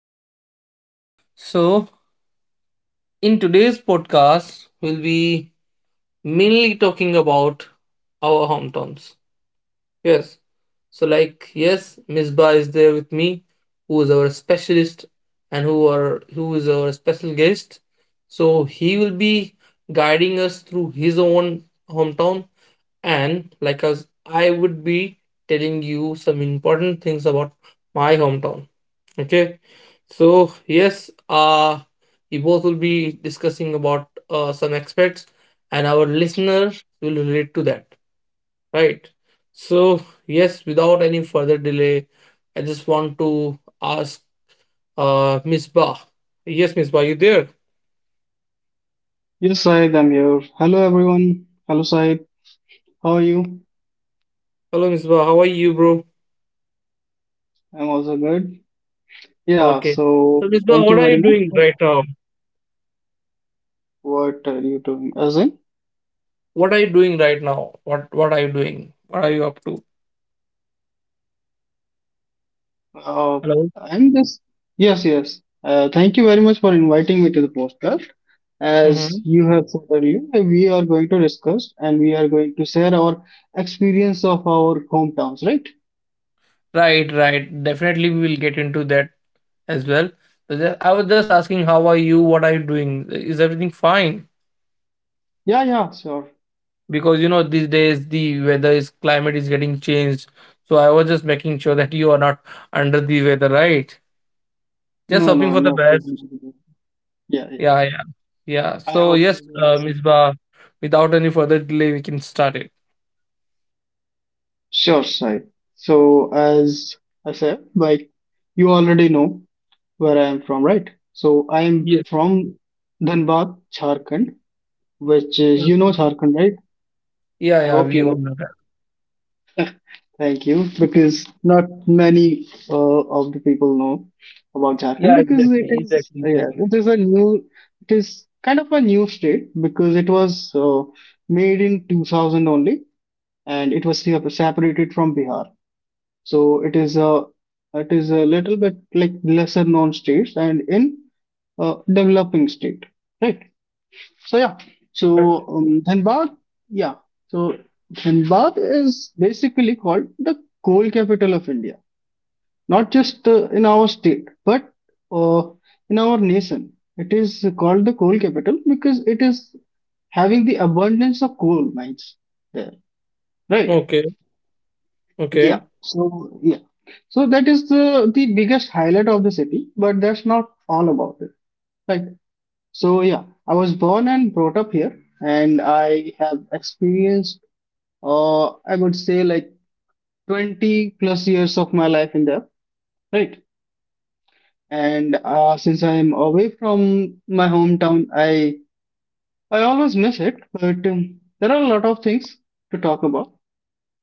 session again. So, in today's podcast, we'll be mainly talking about our hometowns. Yes, so like yes, Misbah is there with me, who is our specialist and who is our special guest. So he will be guiding us through his own hometown, and like us I would be telling you some important things about my hometown. Okay, so yes, we both will be discussing about some aspects, and our listeners will relate to that, right. So yes, without any further delay, I just want to ask, Miss Ba. Yes, Miss Ba, you there? Yes, Said, I'm here. Hello, everyone. Hello, Said. How are you? Hello, Miss Ba. How are you, bro? I'm also good. Yeah, Okay, so so Miss Ba, thank what you are very you much. doing right now? What are you doing? As in, What are you doing right now? What are you doing? What are you up to? uh, Hello. I'm yes. Thank you very much for inviting me to the podcast. As Mm-hmm. you have said earlier, we are going to discuss and we are going to share our experience of our hometowns, right? Right, right. Definitely, we will get into that as well. But I was just asking, how are you? What are you doing? Is everything fine? Yeah, yeah, sure. Because these days the weather is climate is getting changed. So I was just making sure that you are not under the weather, right? Just No, no, hoping for I'm the not going best. to do that. Yeah, yeah. Yeah, yeah, yeah. I So hope. yes, Miss Ba. Without any further delay, we can start it. Sure, Sai. So, as I said, like you already know where I am from, right? So, I am Yes. from Dhanbad, Jharkhand, which is, you Okay. know Jharkhand, right? Yeah, I yeah. hope you We all know. know that. Thank you, because not many of the people know about Jharkhand Yeah, because it exactly, is, exactly, yeah, exactly. it is a it is kind of a new state because it was made in 2000 only, and it was separated from Bihar. So it is a little bit like lesser known states and in developing state, right? So yeah, Right. so um, Dhanbad, yeah, so Dhanbad is basically called the coal capital of India, not just in our state, but uh, in our nation. It is called the coal capital because it is having the abundance of coal mines there, right? Okay, Yeah, okay. so yeah, so that is the biggest highlight of the city, but that's not all about it. Like, so yeah, I was born and brought up here, and I have experienced, I would say like 20 plus years of my life in there, right? And since I am away from my hometown, I always miss it, but there are a lot of things to talk about,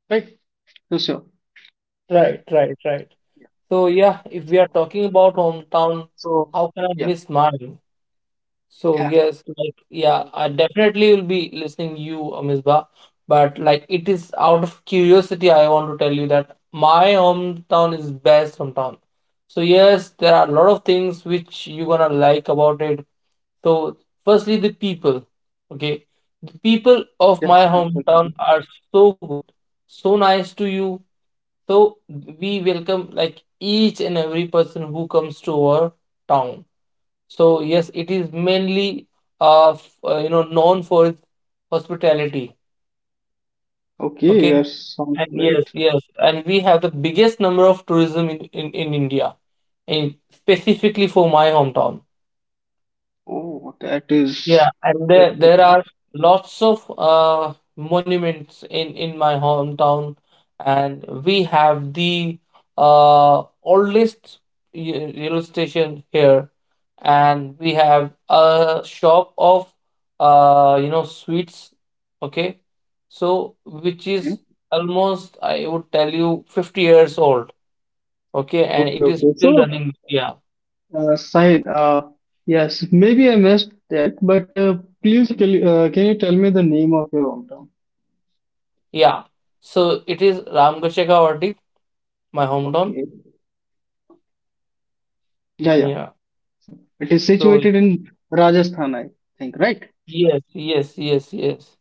right? So sure, Right, right, right. yeah, So yeah, if we are so, talking about yeah. hometown, so how can I miss mine? So yeah. yes, like yeah, I definitely will be listening you, Misbah. But like it is out of curiosity, I want to tell you that my hometown is best hometown. So yes, there are a lot of things which you're gonna like about it. So firstly, the people. Okay, the people of Yes, my hometown definitely. are so good, so nice to you. So we welcome like each and every person who comes to our town. So yes, it is mainly known for its hospitality. Okay, Okay, that sounds and yes, great. yes, and we have the biggest number of tourism in India, in specifically for my hometown. Oh, that is Yeah, and very there good there to know. are lots of monuments in my hometown, and we have the oldest rail station here, and we have a shop of sweets. Okay, so which Yeah. is almost I would tell you 50 years old. Okay, and Okay, it is okay. still So, running. Yeah, Said, yes, maybe I missed that, but please tell, can you tell me the name of your hometown? yeah. So it is Ramgachekawati, my hometown. Okay. Yeah, yeah. Yeah. So it is So situated in Rajasthan, I think, right? yes, yes, yes, yes.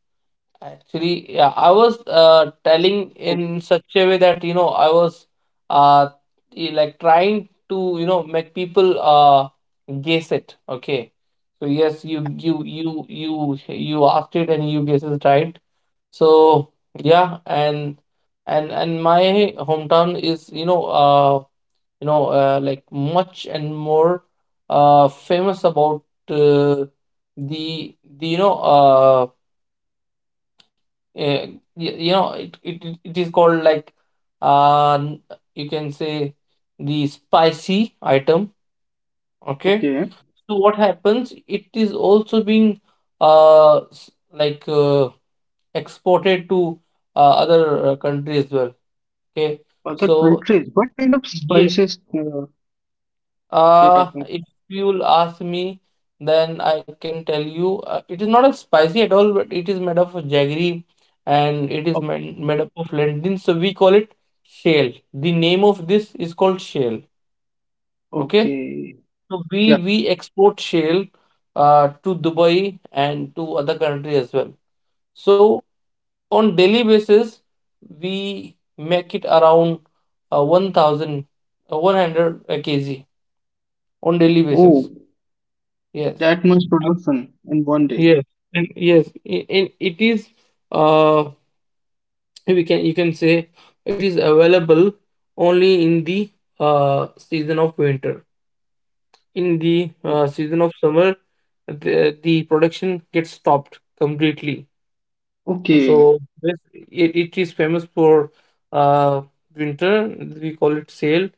Actually, yeah, I was telling O- in such a way that I was uh like trying to make people guess it. Okay, so yes, you asked it and you guessed it right. So yeah, and my hometown is like much and more famous about uh, the the eh, it is called like uh, n- you can say the spicy item. Okay, Okay. so what happens? It is also being uh, s- like uh, exported to other countries as well. Okay, Other so countries. What kind of yes. spices you're talking If you'll ask me, then I can tell you, it is not as spicy at all, but it is made of jaggery and it is about? made up of lentils. So we call it shale. The name of this is called shale. Okay. Okay. So we Yeah. we export shale to Dubai and to other country as well. So on daily basis, we make it around 1,000, 100 kg on daily Oh, basis. Yes. that much production in one day. Yes, and yes, and it is uh we can you can say it is available only in the season of winter. In the season of summer, the production gets stopped completely. Okay, So it is famous for uh winter. We call it sail,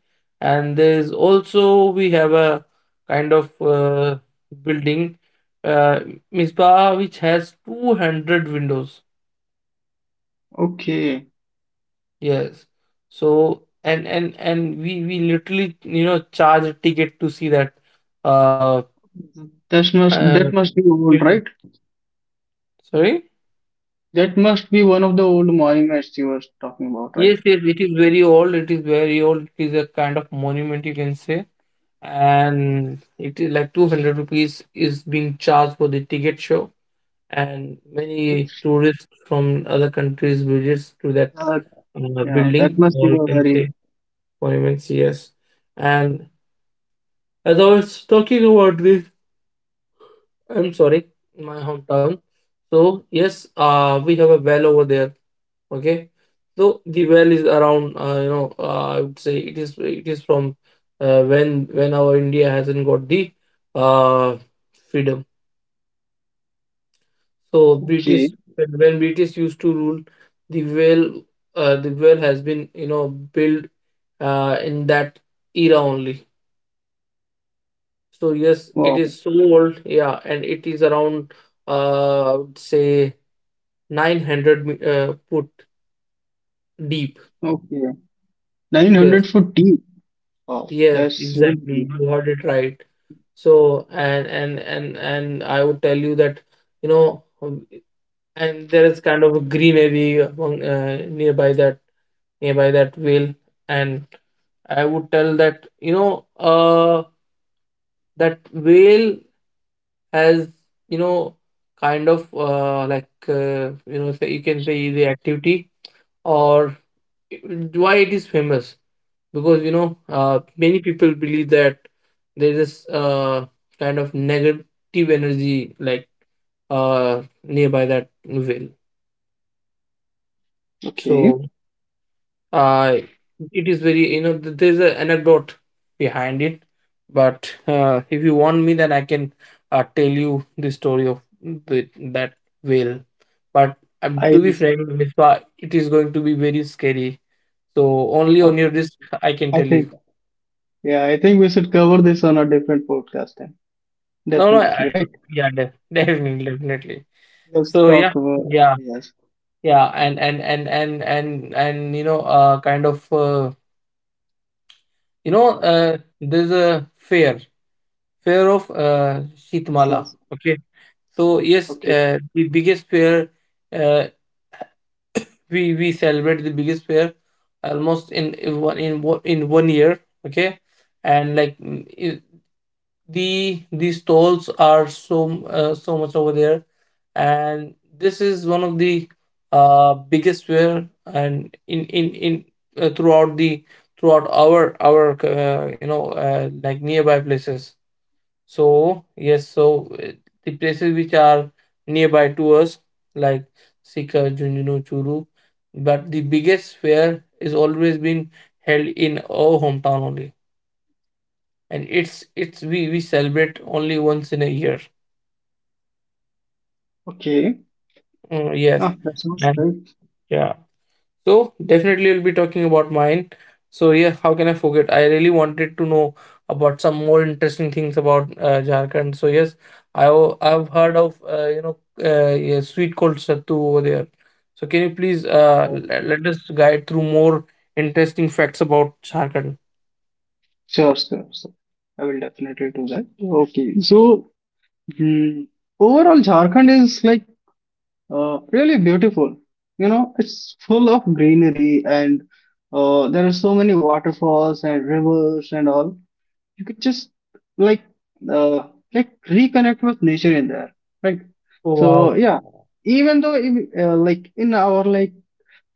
and there is also we have a kind of building, uh Misbah, which has 200 windows. okay. Yes. So and we literally charge a ticket to see that uh, That must uh that must be old, building. right? Sorry. That must be one of the old monuments you were talking about, Yes, right? yes, it is very old. It is very old. It is a kind of monument, you can say, and it is like 200 rupees is being charged for the ticket show. And many tourists from other countries visits to that Uh, yeah, that building, must be or you a can very say monuments. Yes, and as I was talking about this, I'm sorry, my hometown. So yes, we have a well over there. Okay, so the well is around. I would say it is. It is from when our India hasn't got the uh, freedom. So British okay. When British used to rule, the well the well has been built in that era only. So yes, it Wow, is so old. Yeah, and it is around. I would say 900 foot deep. okay. Yes, 900 for tea. Wow, yes, that's really exactly. deep. You heard it right. So, and I would tell you that, you know, um, and there is kind of a greenery among nearby that whale, and I would tell that, that whale has, you know, kind of like you can say the activity, or why it is famous, because many people believe that there is kind of negative energy, like nearby that well. Okay. So uh, it is very there's an anecdote behind it, but if you want me, then I can tell you the story of that whale. But I to be frank, Mispa, it is going to be very scary. So only on your okay. risk I I can tell think you. yeah, I think we should cover this on a different podcast then. No, no, Definitely, right? yeah, definitely, definitely. Let's So yeah, talk about yeah, yes. yeah. And kind of, there's a fair of So Sheetmala. Okay, so yes, okay, the biggest fair, uh, we celebrate the biggest fair almost in one year. Okay, and like these stalls are so much over there, and this is one of the biggest fair, and in uh, throughout the throughout our like nearby places. So yes, the places which are nearby to us, like Sikar, Junjunu, Churu, but the biggest fair is always been held in our hometown only, and it's we celebrate only once in a year. okay. Mm, yes, Ah, that sounds and yeah. So definitely we'll be talking about mine. So yeah, how can I forget? I really wanted to know about some more interesting things about Jharkhand. So yes, I've heard of sweet called sattu over there. So can you please great. Let us guide through more interesting facts about Jharkhand? Sure, sure, sure. I will definitely do that. Okay, so mm, overall, Jharkhand is like really beautiful. You know, it's full of greenery and there are so many waterfalls and rivers and all. You could just like uh, like reconnect with nature in there, right? Oh, So wow. yeah, even though like in our like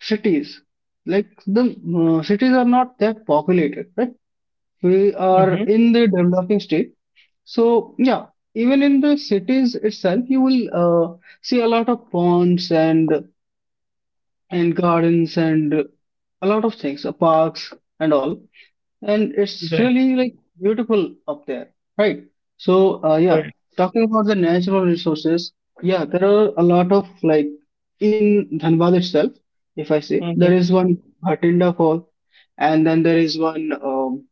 cities, like the cities are not that populated, right? We are Mm-hmm. in the developing state, so yeah, even in the cities itself you will see a lot of ponds and gardens and a lot of things, parks and all, and it's Right. really like beautiful up there, right? So yeah, Right. talking about the natural resources, yeah there are a lot of like in Dhanbad itself, if I say Mm-hmm. there is one Bhatinda Fall, and then there is one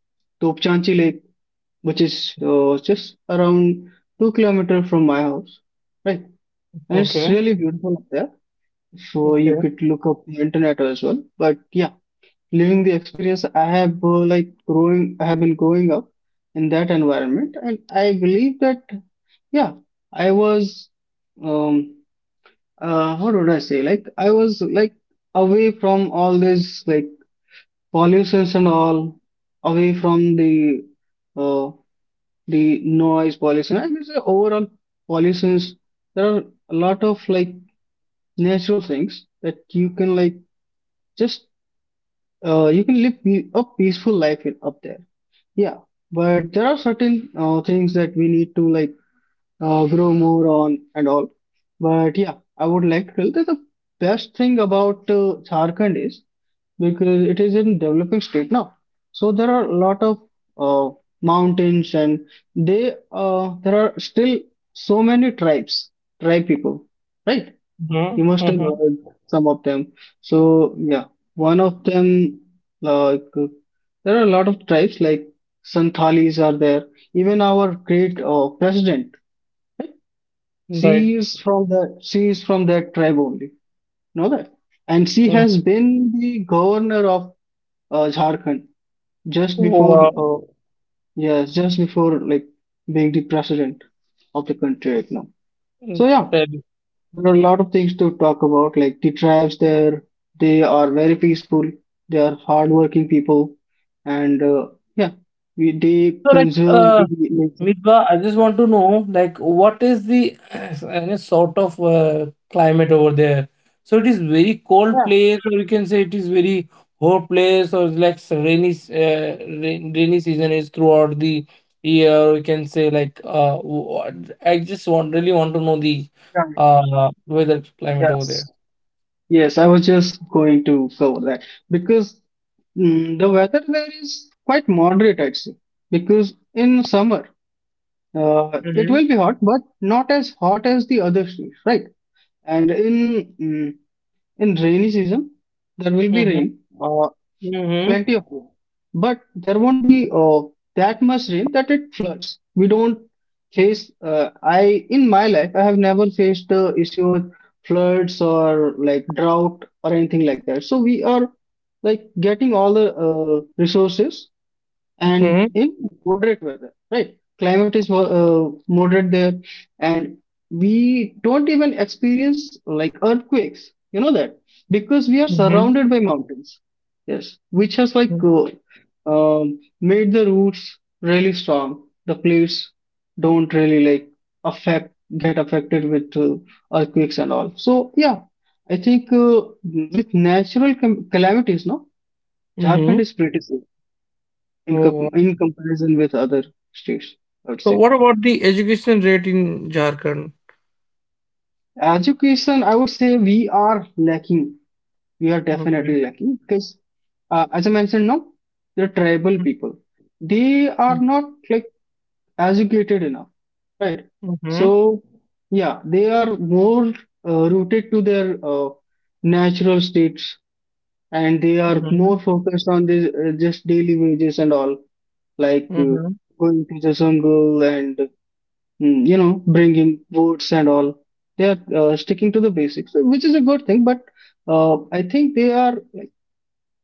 Topchanchi Lake, which is just around 2 kilometers from my house, right? And it's Okay. really beautiful up there. So you Okay. could look up the internet as well. But yeah, living the experience, I have I have been growing up in that environment, and I believe that yeah, I was um how would I say, like I was like away from all this like pollutions and all, away from uh, the noise pollution and it's a overall pollutions. There are a lot of like natural things that you can like just you can live a peaceful life in, up there, yeah. But there are certain things that we need to like grow more on and all. But yeah, I would like to tell that the best thing about Jharkhand is because it is in developing state now, so there are a lot of uh, mountains, and they there are still so many tribe people, right? You Mm-hmm. must have Mm-hmm. heard some of them. So yeah, one of them like there are a lot of tribes like Santhalis are there. Even our great president, right? she Right. She is from that tribe only, know that, and she Mm. has been the governor of Jharkhand just Oh, before wow. Yes just before like being the president of the country right now. Mm, So yeah, fairly. there are a lot of things to talk about, like the tribes there, they are very peaceful, they are hardworking people, and yeah, they So, like, conserve the nature. Mitba, I just yeah. want to know, like, what is the any sort of climate over there? So, it is very cold yeah place, or you can say it is very hot place, or like rainy season is throughout the year. Or you can say like, I just want really want to know the yeah yeah weather climate yes over there. yes, I was just going to cover that because the weather there is quite moderate, I'd say, because in summer, it Mm-hmm. will be hot, but not as hot as the other states, right? And in in rainy season, there will be Mm-hmm. Mm-hmm. plenty of rain, but there won't be that much rain that it floods. We don't face. I in my life, I have never faced the issue with floods or like drought or anything like that. So we are like getting all the resources Mm-hmm. and in moderate weather, right? Climate is moderate there, and we don't even experience like earthquakes. You know that because we are Mm-hmm. surrounded by mountains. Yes, which has like made the roots really strong. The plates don't really like affect get affected with earthquakes and all. So yeah, I think with natural com calamities, no, Jharkhand Mm-hmm. is pretty safe in comparison with other states, I would So say. what about the education rate in Jharkhand? Education, I would say we are lacking. We are Okay. definitely lacking because, as I mentioned now, the tribal Mhm. people, they are not like educated enough, right? Mhm. So, yeah, they are more rooted to their natural states, and they are Mhm. more focused on this, just daily wages and all, like Mhm. going to the jungle and mm, you know, bringing votes and all. They are sticking to the basics, which is a good thing. But I think they are like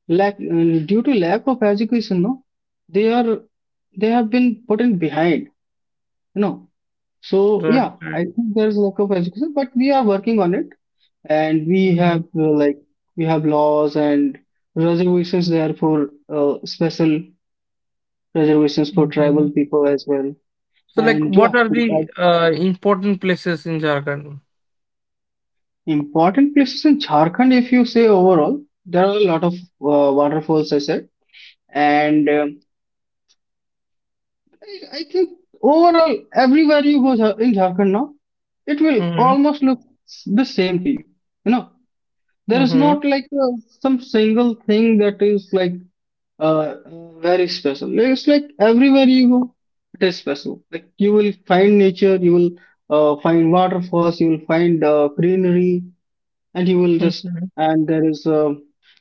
lack due to lack of education. No, they are they have been put in behind. You know, so Right. yeah, Right. I think there is lack of education, but we are working on it, and we have Mhm. We have laws and reservations there for special reservations for tribal Mhm. people as well. So like, And what yeah, are the important places in Jharkhand? important places in Jharkhand, if you say overall, there are a lot of waterfalls, I said. And I think overall, everywhere you go in Jharkhand now, it will Mhm. almost look the same to you. You know, there is not Mhm. like some single thing that is like uh, very special. It's like everywhere you go, it is special. Like you will find nature, you will find waterfalls, you will find greenery, and he will just Mhm. and there is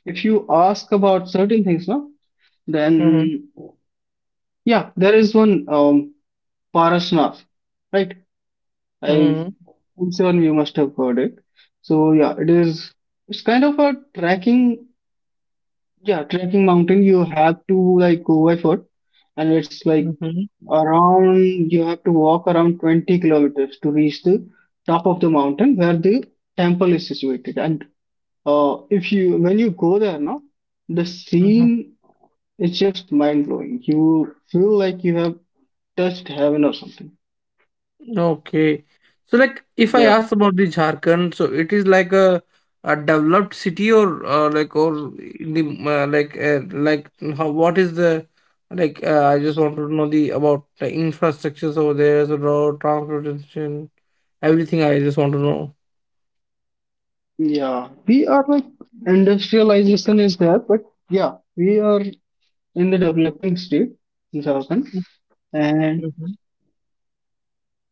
if you ask about certain things no, Mhm. then yeah there is one Parashnath, right? I Mhm. I'm sure you must have heard it. So yeah, it is it's kind of a trekking, yeah, trekking mountain, you have to like go by foot, and it's like Mhm. around you have to walk around 20 kilometers to reach the top of the mountain where the temple is situated and if you when you go there, no, the Mhm. scene is just mind blowing. You feel like you have touched heaven or something. Okay. So like if I Yeah. ask about the Jharkhand, so it is like a developed city, or like or in the like how what is the like I just want to know the about the infrastructures over there, so road, transportation, everything I just want to know. Yeah, we are like industrialization is there, but yeah, we are in the developing state in Jharkhand, and Mhm.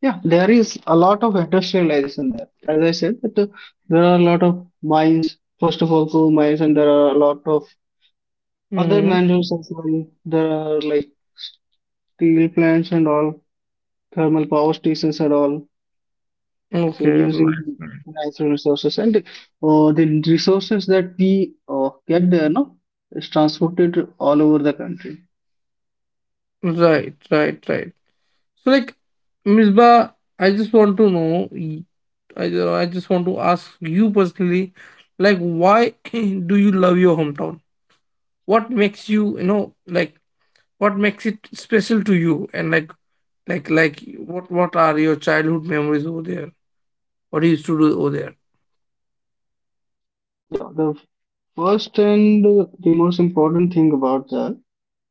yeah, there is a lot of industrialization there. As I said, that there are a lot of mines. First of all, coal mines, and there are a lot of other Mm-hmm. minerals as well. There are like steel plants and all, thermal power stations are all so Okay, nice, using nice. natural resources and the resources that we get there, no, is transported all over the country. Right, right, right. So like Misbah, I just want to know. I just want to ask you personally, like why do you love your hometown? What makes you you know like what makes it special to you? And like what are your childhood memories over there? What you used to do over there? Yeah, the first and the most important thing about that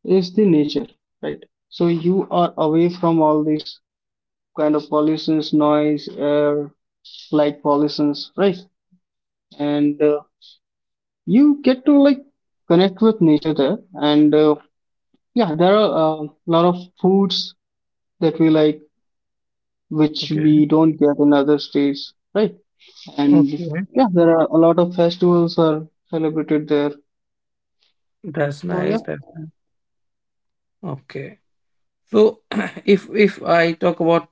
is the nature, right? So you are away from all these kind of pollutions, noise, air, light pollutions, right? And you get to like connect with nature there, and yeah there are a lot of foods that we like, which Okay. we don't get in other states, right? And Okay. yeah, there are a lot of festivals are celebrated there. That's So yeah, nice. That's nice. Okay. So if I talk about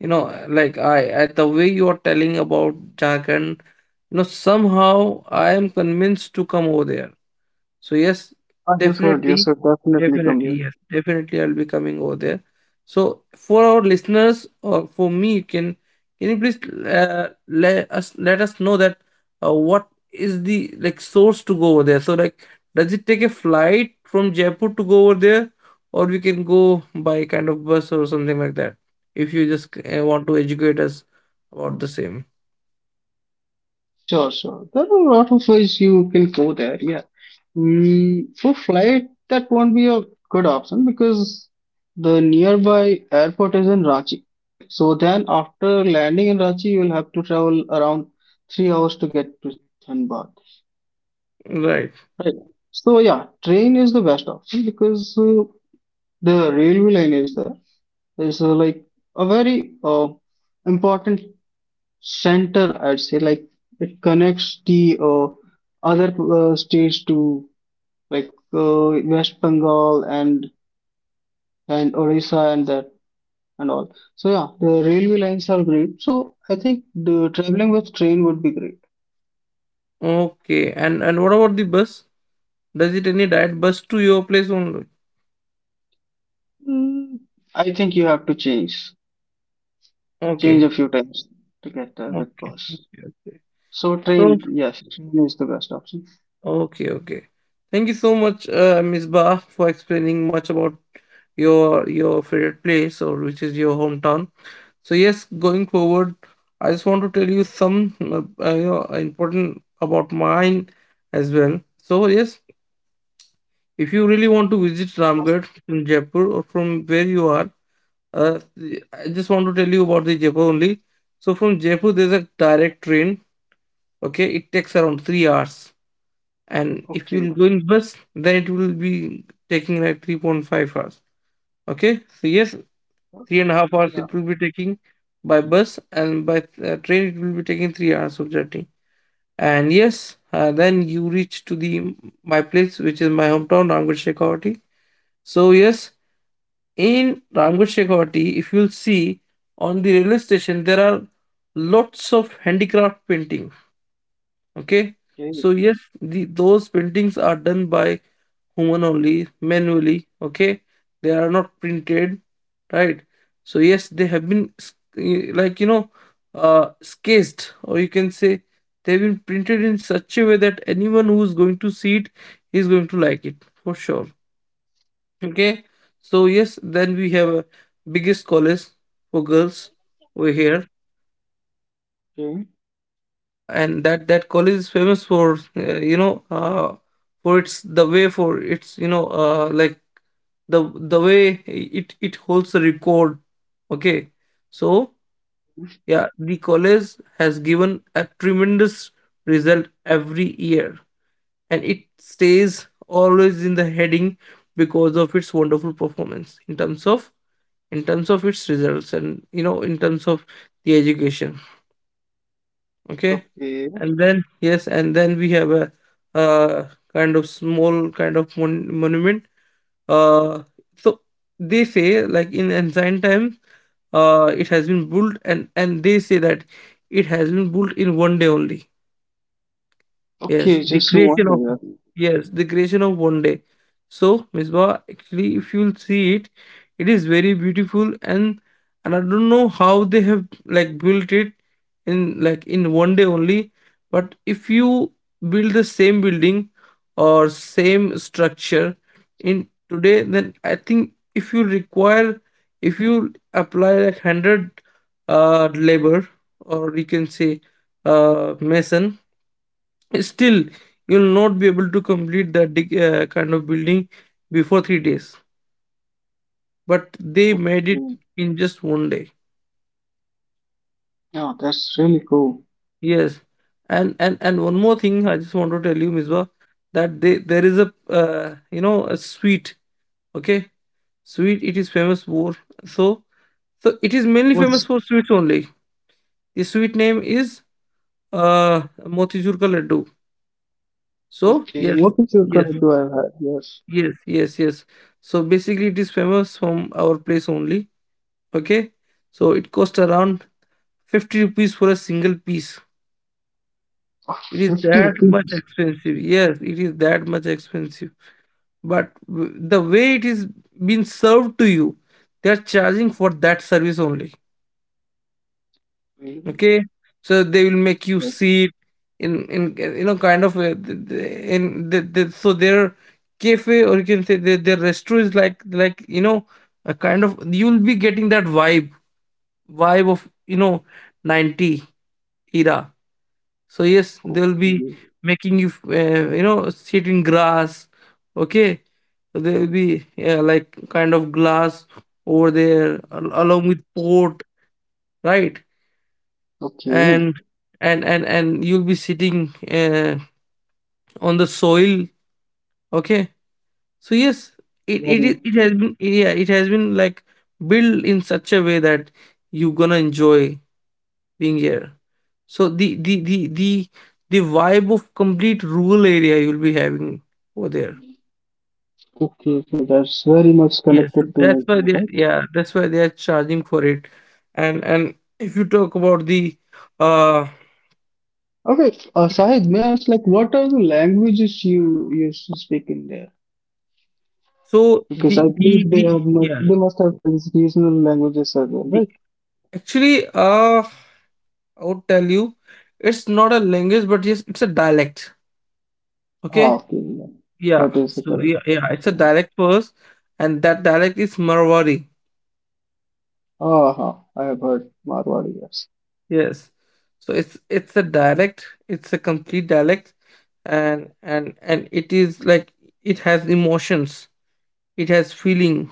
you know like I at the way you are telling about Jharkhand, somehow I am convinced to come over there. So yes, you definitely, should definitely come here. definitely, yes, definitely I'll be coming over there. So for our listeners or for me, can you please let us know that, what is the like source to go over there? So like, does it take a flight from Jaipur to go over there, or we can go by kind of bus or something like that? If you just want to educate us about the same, Sure, sure. There are a lot of ways you can go there. Yeah. Mm, for flight, that won't be a good option because the nearby airport is in Ranchi. So then, after landing in Ranchi, you will have to travel around 3 hours to get to Dhanbad. right? Right. So yeah, train is the best option because the railway line is there. There's a very important center, I'd say. Like it connects the other states to like West Bengal and Odisha and that and all. So yeah, the railway lines are great. So I think the traveling with train would be great. Okay, and what about the bus? Does it any direct bus to your place only? Mm, I think you have to change a Okay, few times to get there with okay, bus. okay, okay. So So, train, yes, train is the best option. okay, okay. Thank you so much, Ms. Ba, for explaining much about your favorite place or which is your hometown. So yes, going forward, I just want to tell you some important about mine as well. So yes, if you really want to visit Ramgarh in Jaipur or from where you are, uh, I just want to tell you about the Jaipur only. So from Jaipur, there's a direct train. Okay, it takes around 3 hours. And if Okay. you'll go in bus, then it will be taking like 3.5 hours. Okay, so yes, three and a half hours Yeah. it will be taking by bus, and by train it will be taking 3 hours of journey. And yes, then you reach to the my place, which is my hometown Ramgarh Shekhawati. So yes, in Ramgarh Shekhawati, if you'll see on the railway station, there are lots of handicraft painting. Okay, Okay. so yes, those paintings are done by human only, manually. Okay, they are not printed, right? So yes, they have been like you know, sketched, or you can say they've been printed in such a way that anyone who's going to see it is going to like it for sure. Okay, so yes, then we have a biggest college for girls over here. Okay. Yeah, and that college is famous for, you know, for its, the way, for its, you know, like the way it holds the record. Okay, so yeah, the college has given a tremendous result every year, and it stays always in the heading because of its wonderful performance in terms of its results, and you know, in terms of the education. Okay. Okay. And then, yes, and then we have a uh, kind of small kind of monument. Uh, so they say, like in ancient times, it has been built, and they say that it has been built in one day only. Okay. Yes, the Just creation of wonder. One day. So, Misbah, actually, if you'll see it, it is very beautiful, and I don't know how they have like built it in like in one day only. But if you build the same building or same structure in today, then I think if you require, if you apply like hundred labor, or you can say mason, still you'll not be able to complete that kind of building before 3 days. But they made it Okay. in just one day. Yeah, that's really cool. Yes, and one more thing, I just want to tell you, Misbah, that they there is a, you know, a sweet. Okay, sweet. It is famous for, so so it is mainly What's famous for sweets only. The sweet name is Motichur ka laddu. So okay? yes, What is your yes, current do I have? Yes. Yes. So basically, it is famous from our place only. Okay, so it cost around 50 rupees for a single piece. Ah, It is 50 that much rupees. expensive. Yes, it is that much expensive. But the way it is being served to you, they are charging for that service only. Really? Okay, so they will make you sit in you know, kind of a, in so their cafe, or you can say their restaurant is like you know, a kind of, you will be getting that vibe of, you know, 90 era. So yes, Oh, they'll be okay. making you, you know, sit in grass. Okay, there'll be, yeah, like kind of glass over there, along with port, right? Okay. And and you'll be sitting on the soil. Okay, so yes, Very. It has been, yeah, it has been like built in such a way that you're gonna enjoy being here. So the vibe of complete rural area you'll be having over there. Okay. So that's very much Yes, so connected to that's why nature, they, right? yeah, that's why they are charging for it. And if you talk about the, uh Okay. Sahid, may I ask, like, what are the languages you used to speak in there? so Because I believe they the have no, yeah, they must have these regional languages as well, the, right? actually, uh I would tell you, it's not a language, but yes, it's a dialect. Ah, Okay, okay, yeah. yeah, That is the so correct yeah, yeah, it's a term. dialect first. And that dialect is Marwari. Aha, I have heard Marwari, yes. Yes. So it's a dialect, it's a complete dialect. And it is like, it has emotions, it has feeling,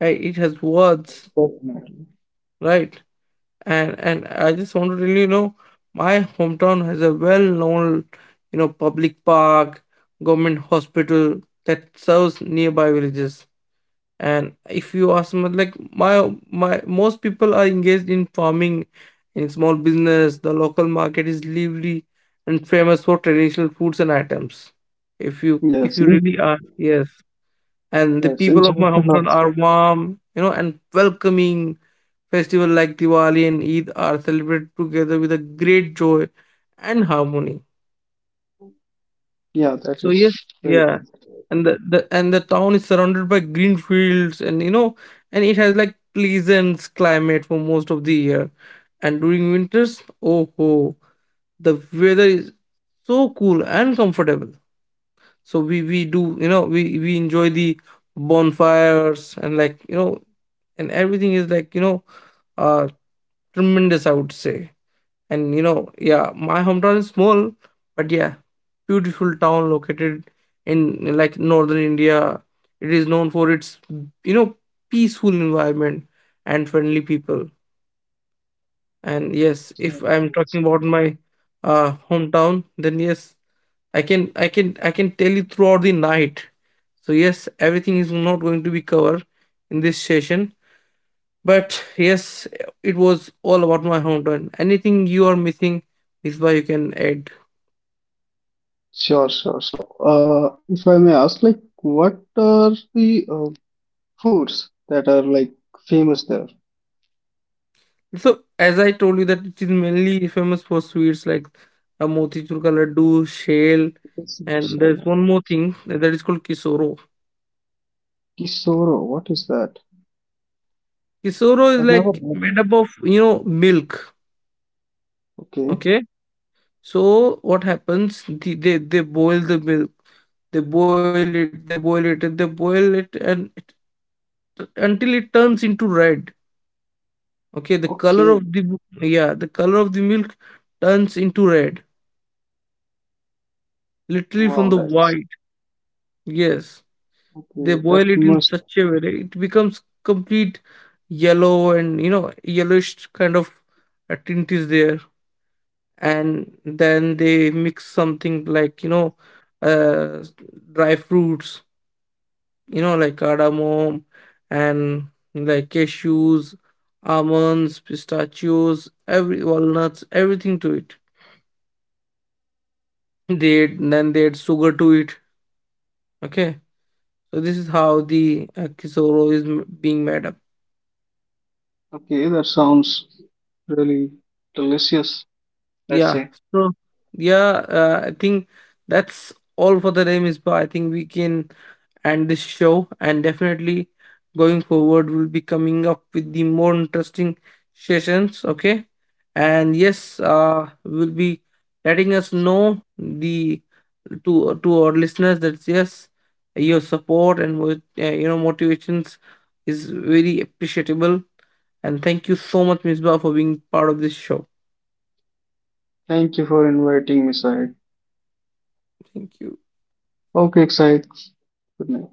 right? It has words, Definitely. right? And I just want to tell you, you know, my hometown has a well-known, you know, public park, government hospital that serves nearby villages. And if you ask me, like, my most people are engaged in farming, in small business, the local market is lively and famous for traditional foods and items, if you Yes, in- really ask. Yes, and the yes, in people of my Jharkhand hometown are also. warm, you know, and welcoming. Festival like Diwali and Eid are celebrated together with a great joy and harmony. Yeah, that So is yes, very yeah, good. and the and the town is surrounded by green fields, and you know, and it has like pleasant climate for most of the year. And during winters, oh ho, the weather is so cool and comfortable. So we do, you know, we enjoy the bonfires and, like you know, and everything is like, you know, uh, tremendous, I would say. And you know, yeah, my hometown is small, but yeah, beautiful town located in like northern India. It is known for its, you know, peaceful environment and friendly people. And yes, Yeah, if that I'm is- talking about my hometown, then yes, I can tell you throughout the night. So yes, everything is not going to be covered in this session. But yes, it was all about my hometown. Anything you are missing, Misbah, you can add. Sure, sure. So, if I may ask, like, what are the foods that are like famous there? So, as I told you, that it is mainly famous for sweets like a motichur ka laddu, shell, Because you and said there's one more thing that is called kisoro. Kisoro, what is that? Kisoro is I've never heard like of made it. up of, you know, milk. Okay. Okay, so what happens? They boil the milk. They boil it. They boil it, and they boil it, and it, until it turns into red. Okay, the color of Okay. the, yeah, the color of the milk turns into red, literally from Wow, the that's white. Yes, they okay, that boil it in must. such a way that it becomes complete yellow, and you know, yellowish kind of a tint is there. And then they mix something like, you know, uh, dry fruits, you know, like cardamom and, like, cashews, almonds, pistachios, every walnuts, everything to it. They Then they add sugar to it. Okay, so this is how the kisoro is being made up. Okay, that sounds really delicious, I'd Yeah, say. so yeah, I think that's all for the name is, but I think we can and this show. And definitely going forward, we'll be coming up with the more interesting sessions. Okay, and yes, will be letting us know the, to our listeners, that yes, your support and you know, motivations is very appreciable. And thank you so much, Ms. Ba, for being part of this show. Thank you for inviting me, Syed. Thank you. Okay, Syed. Good night.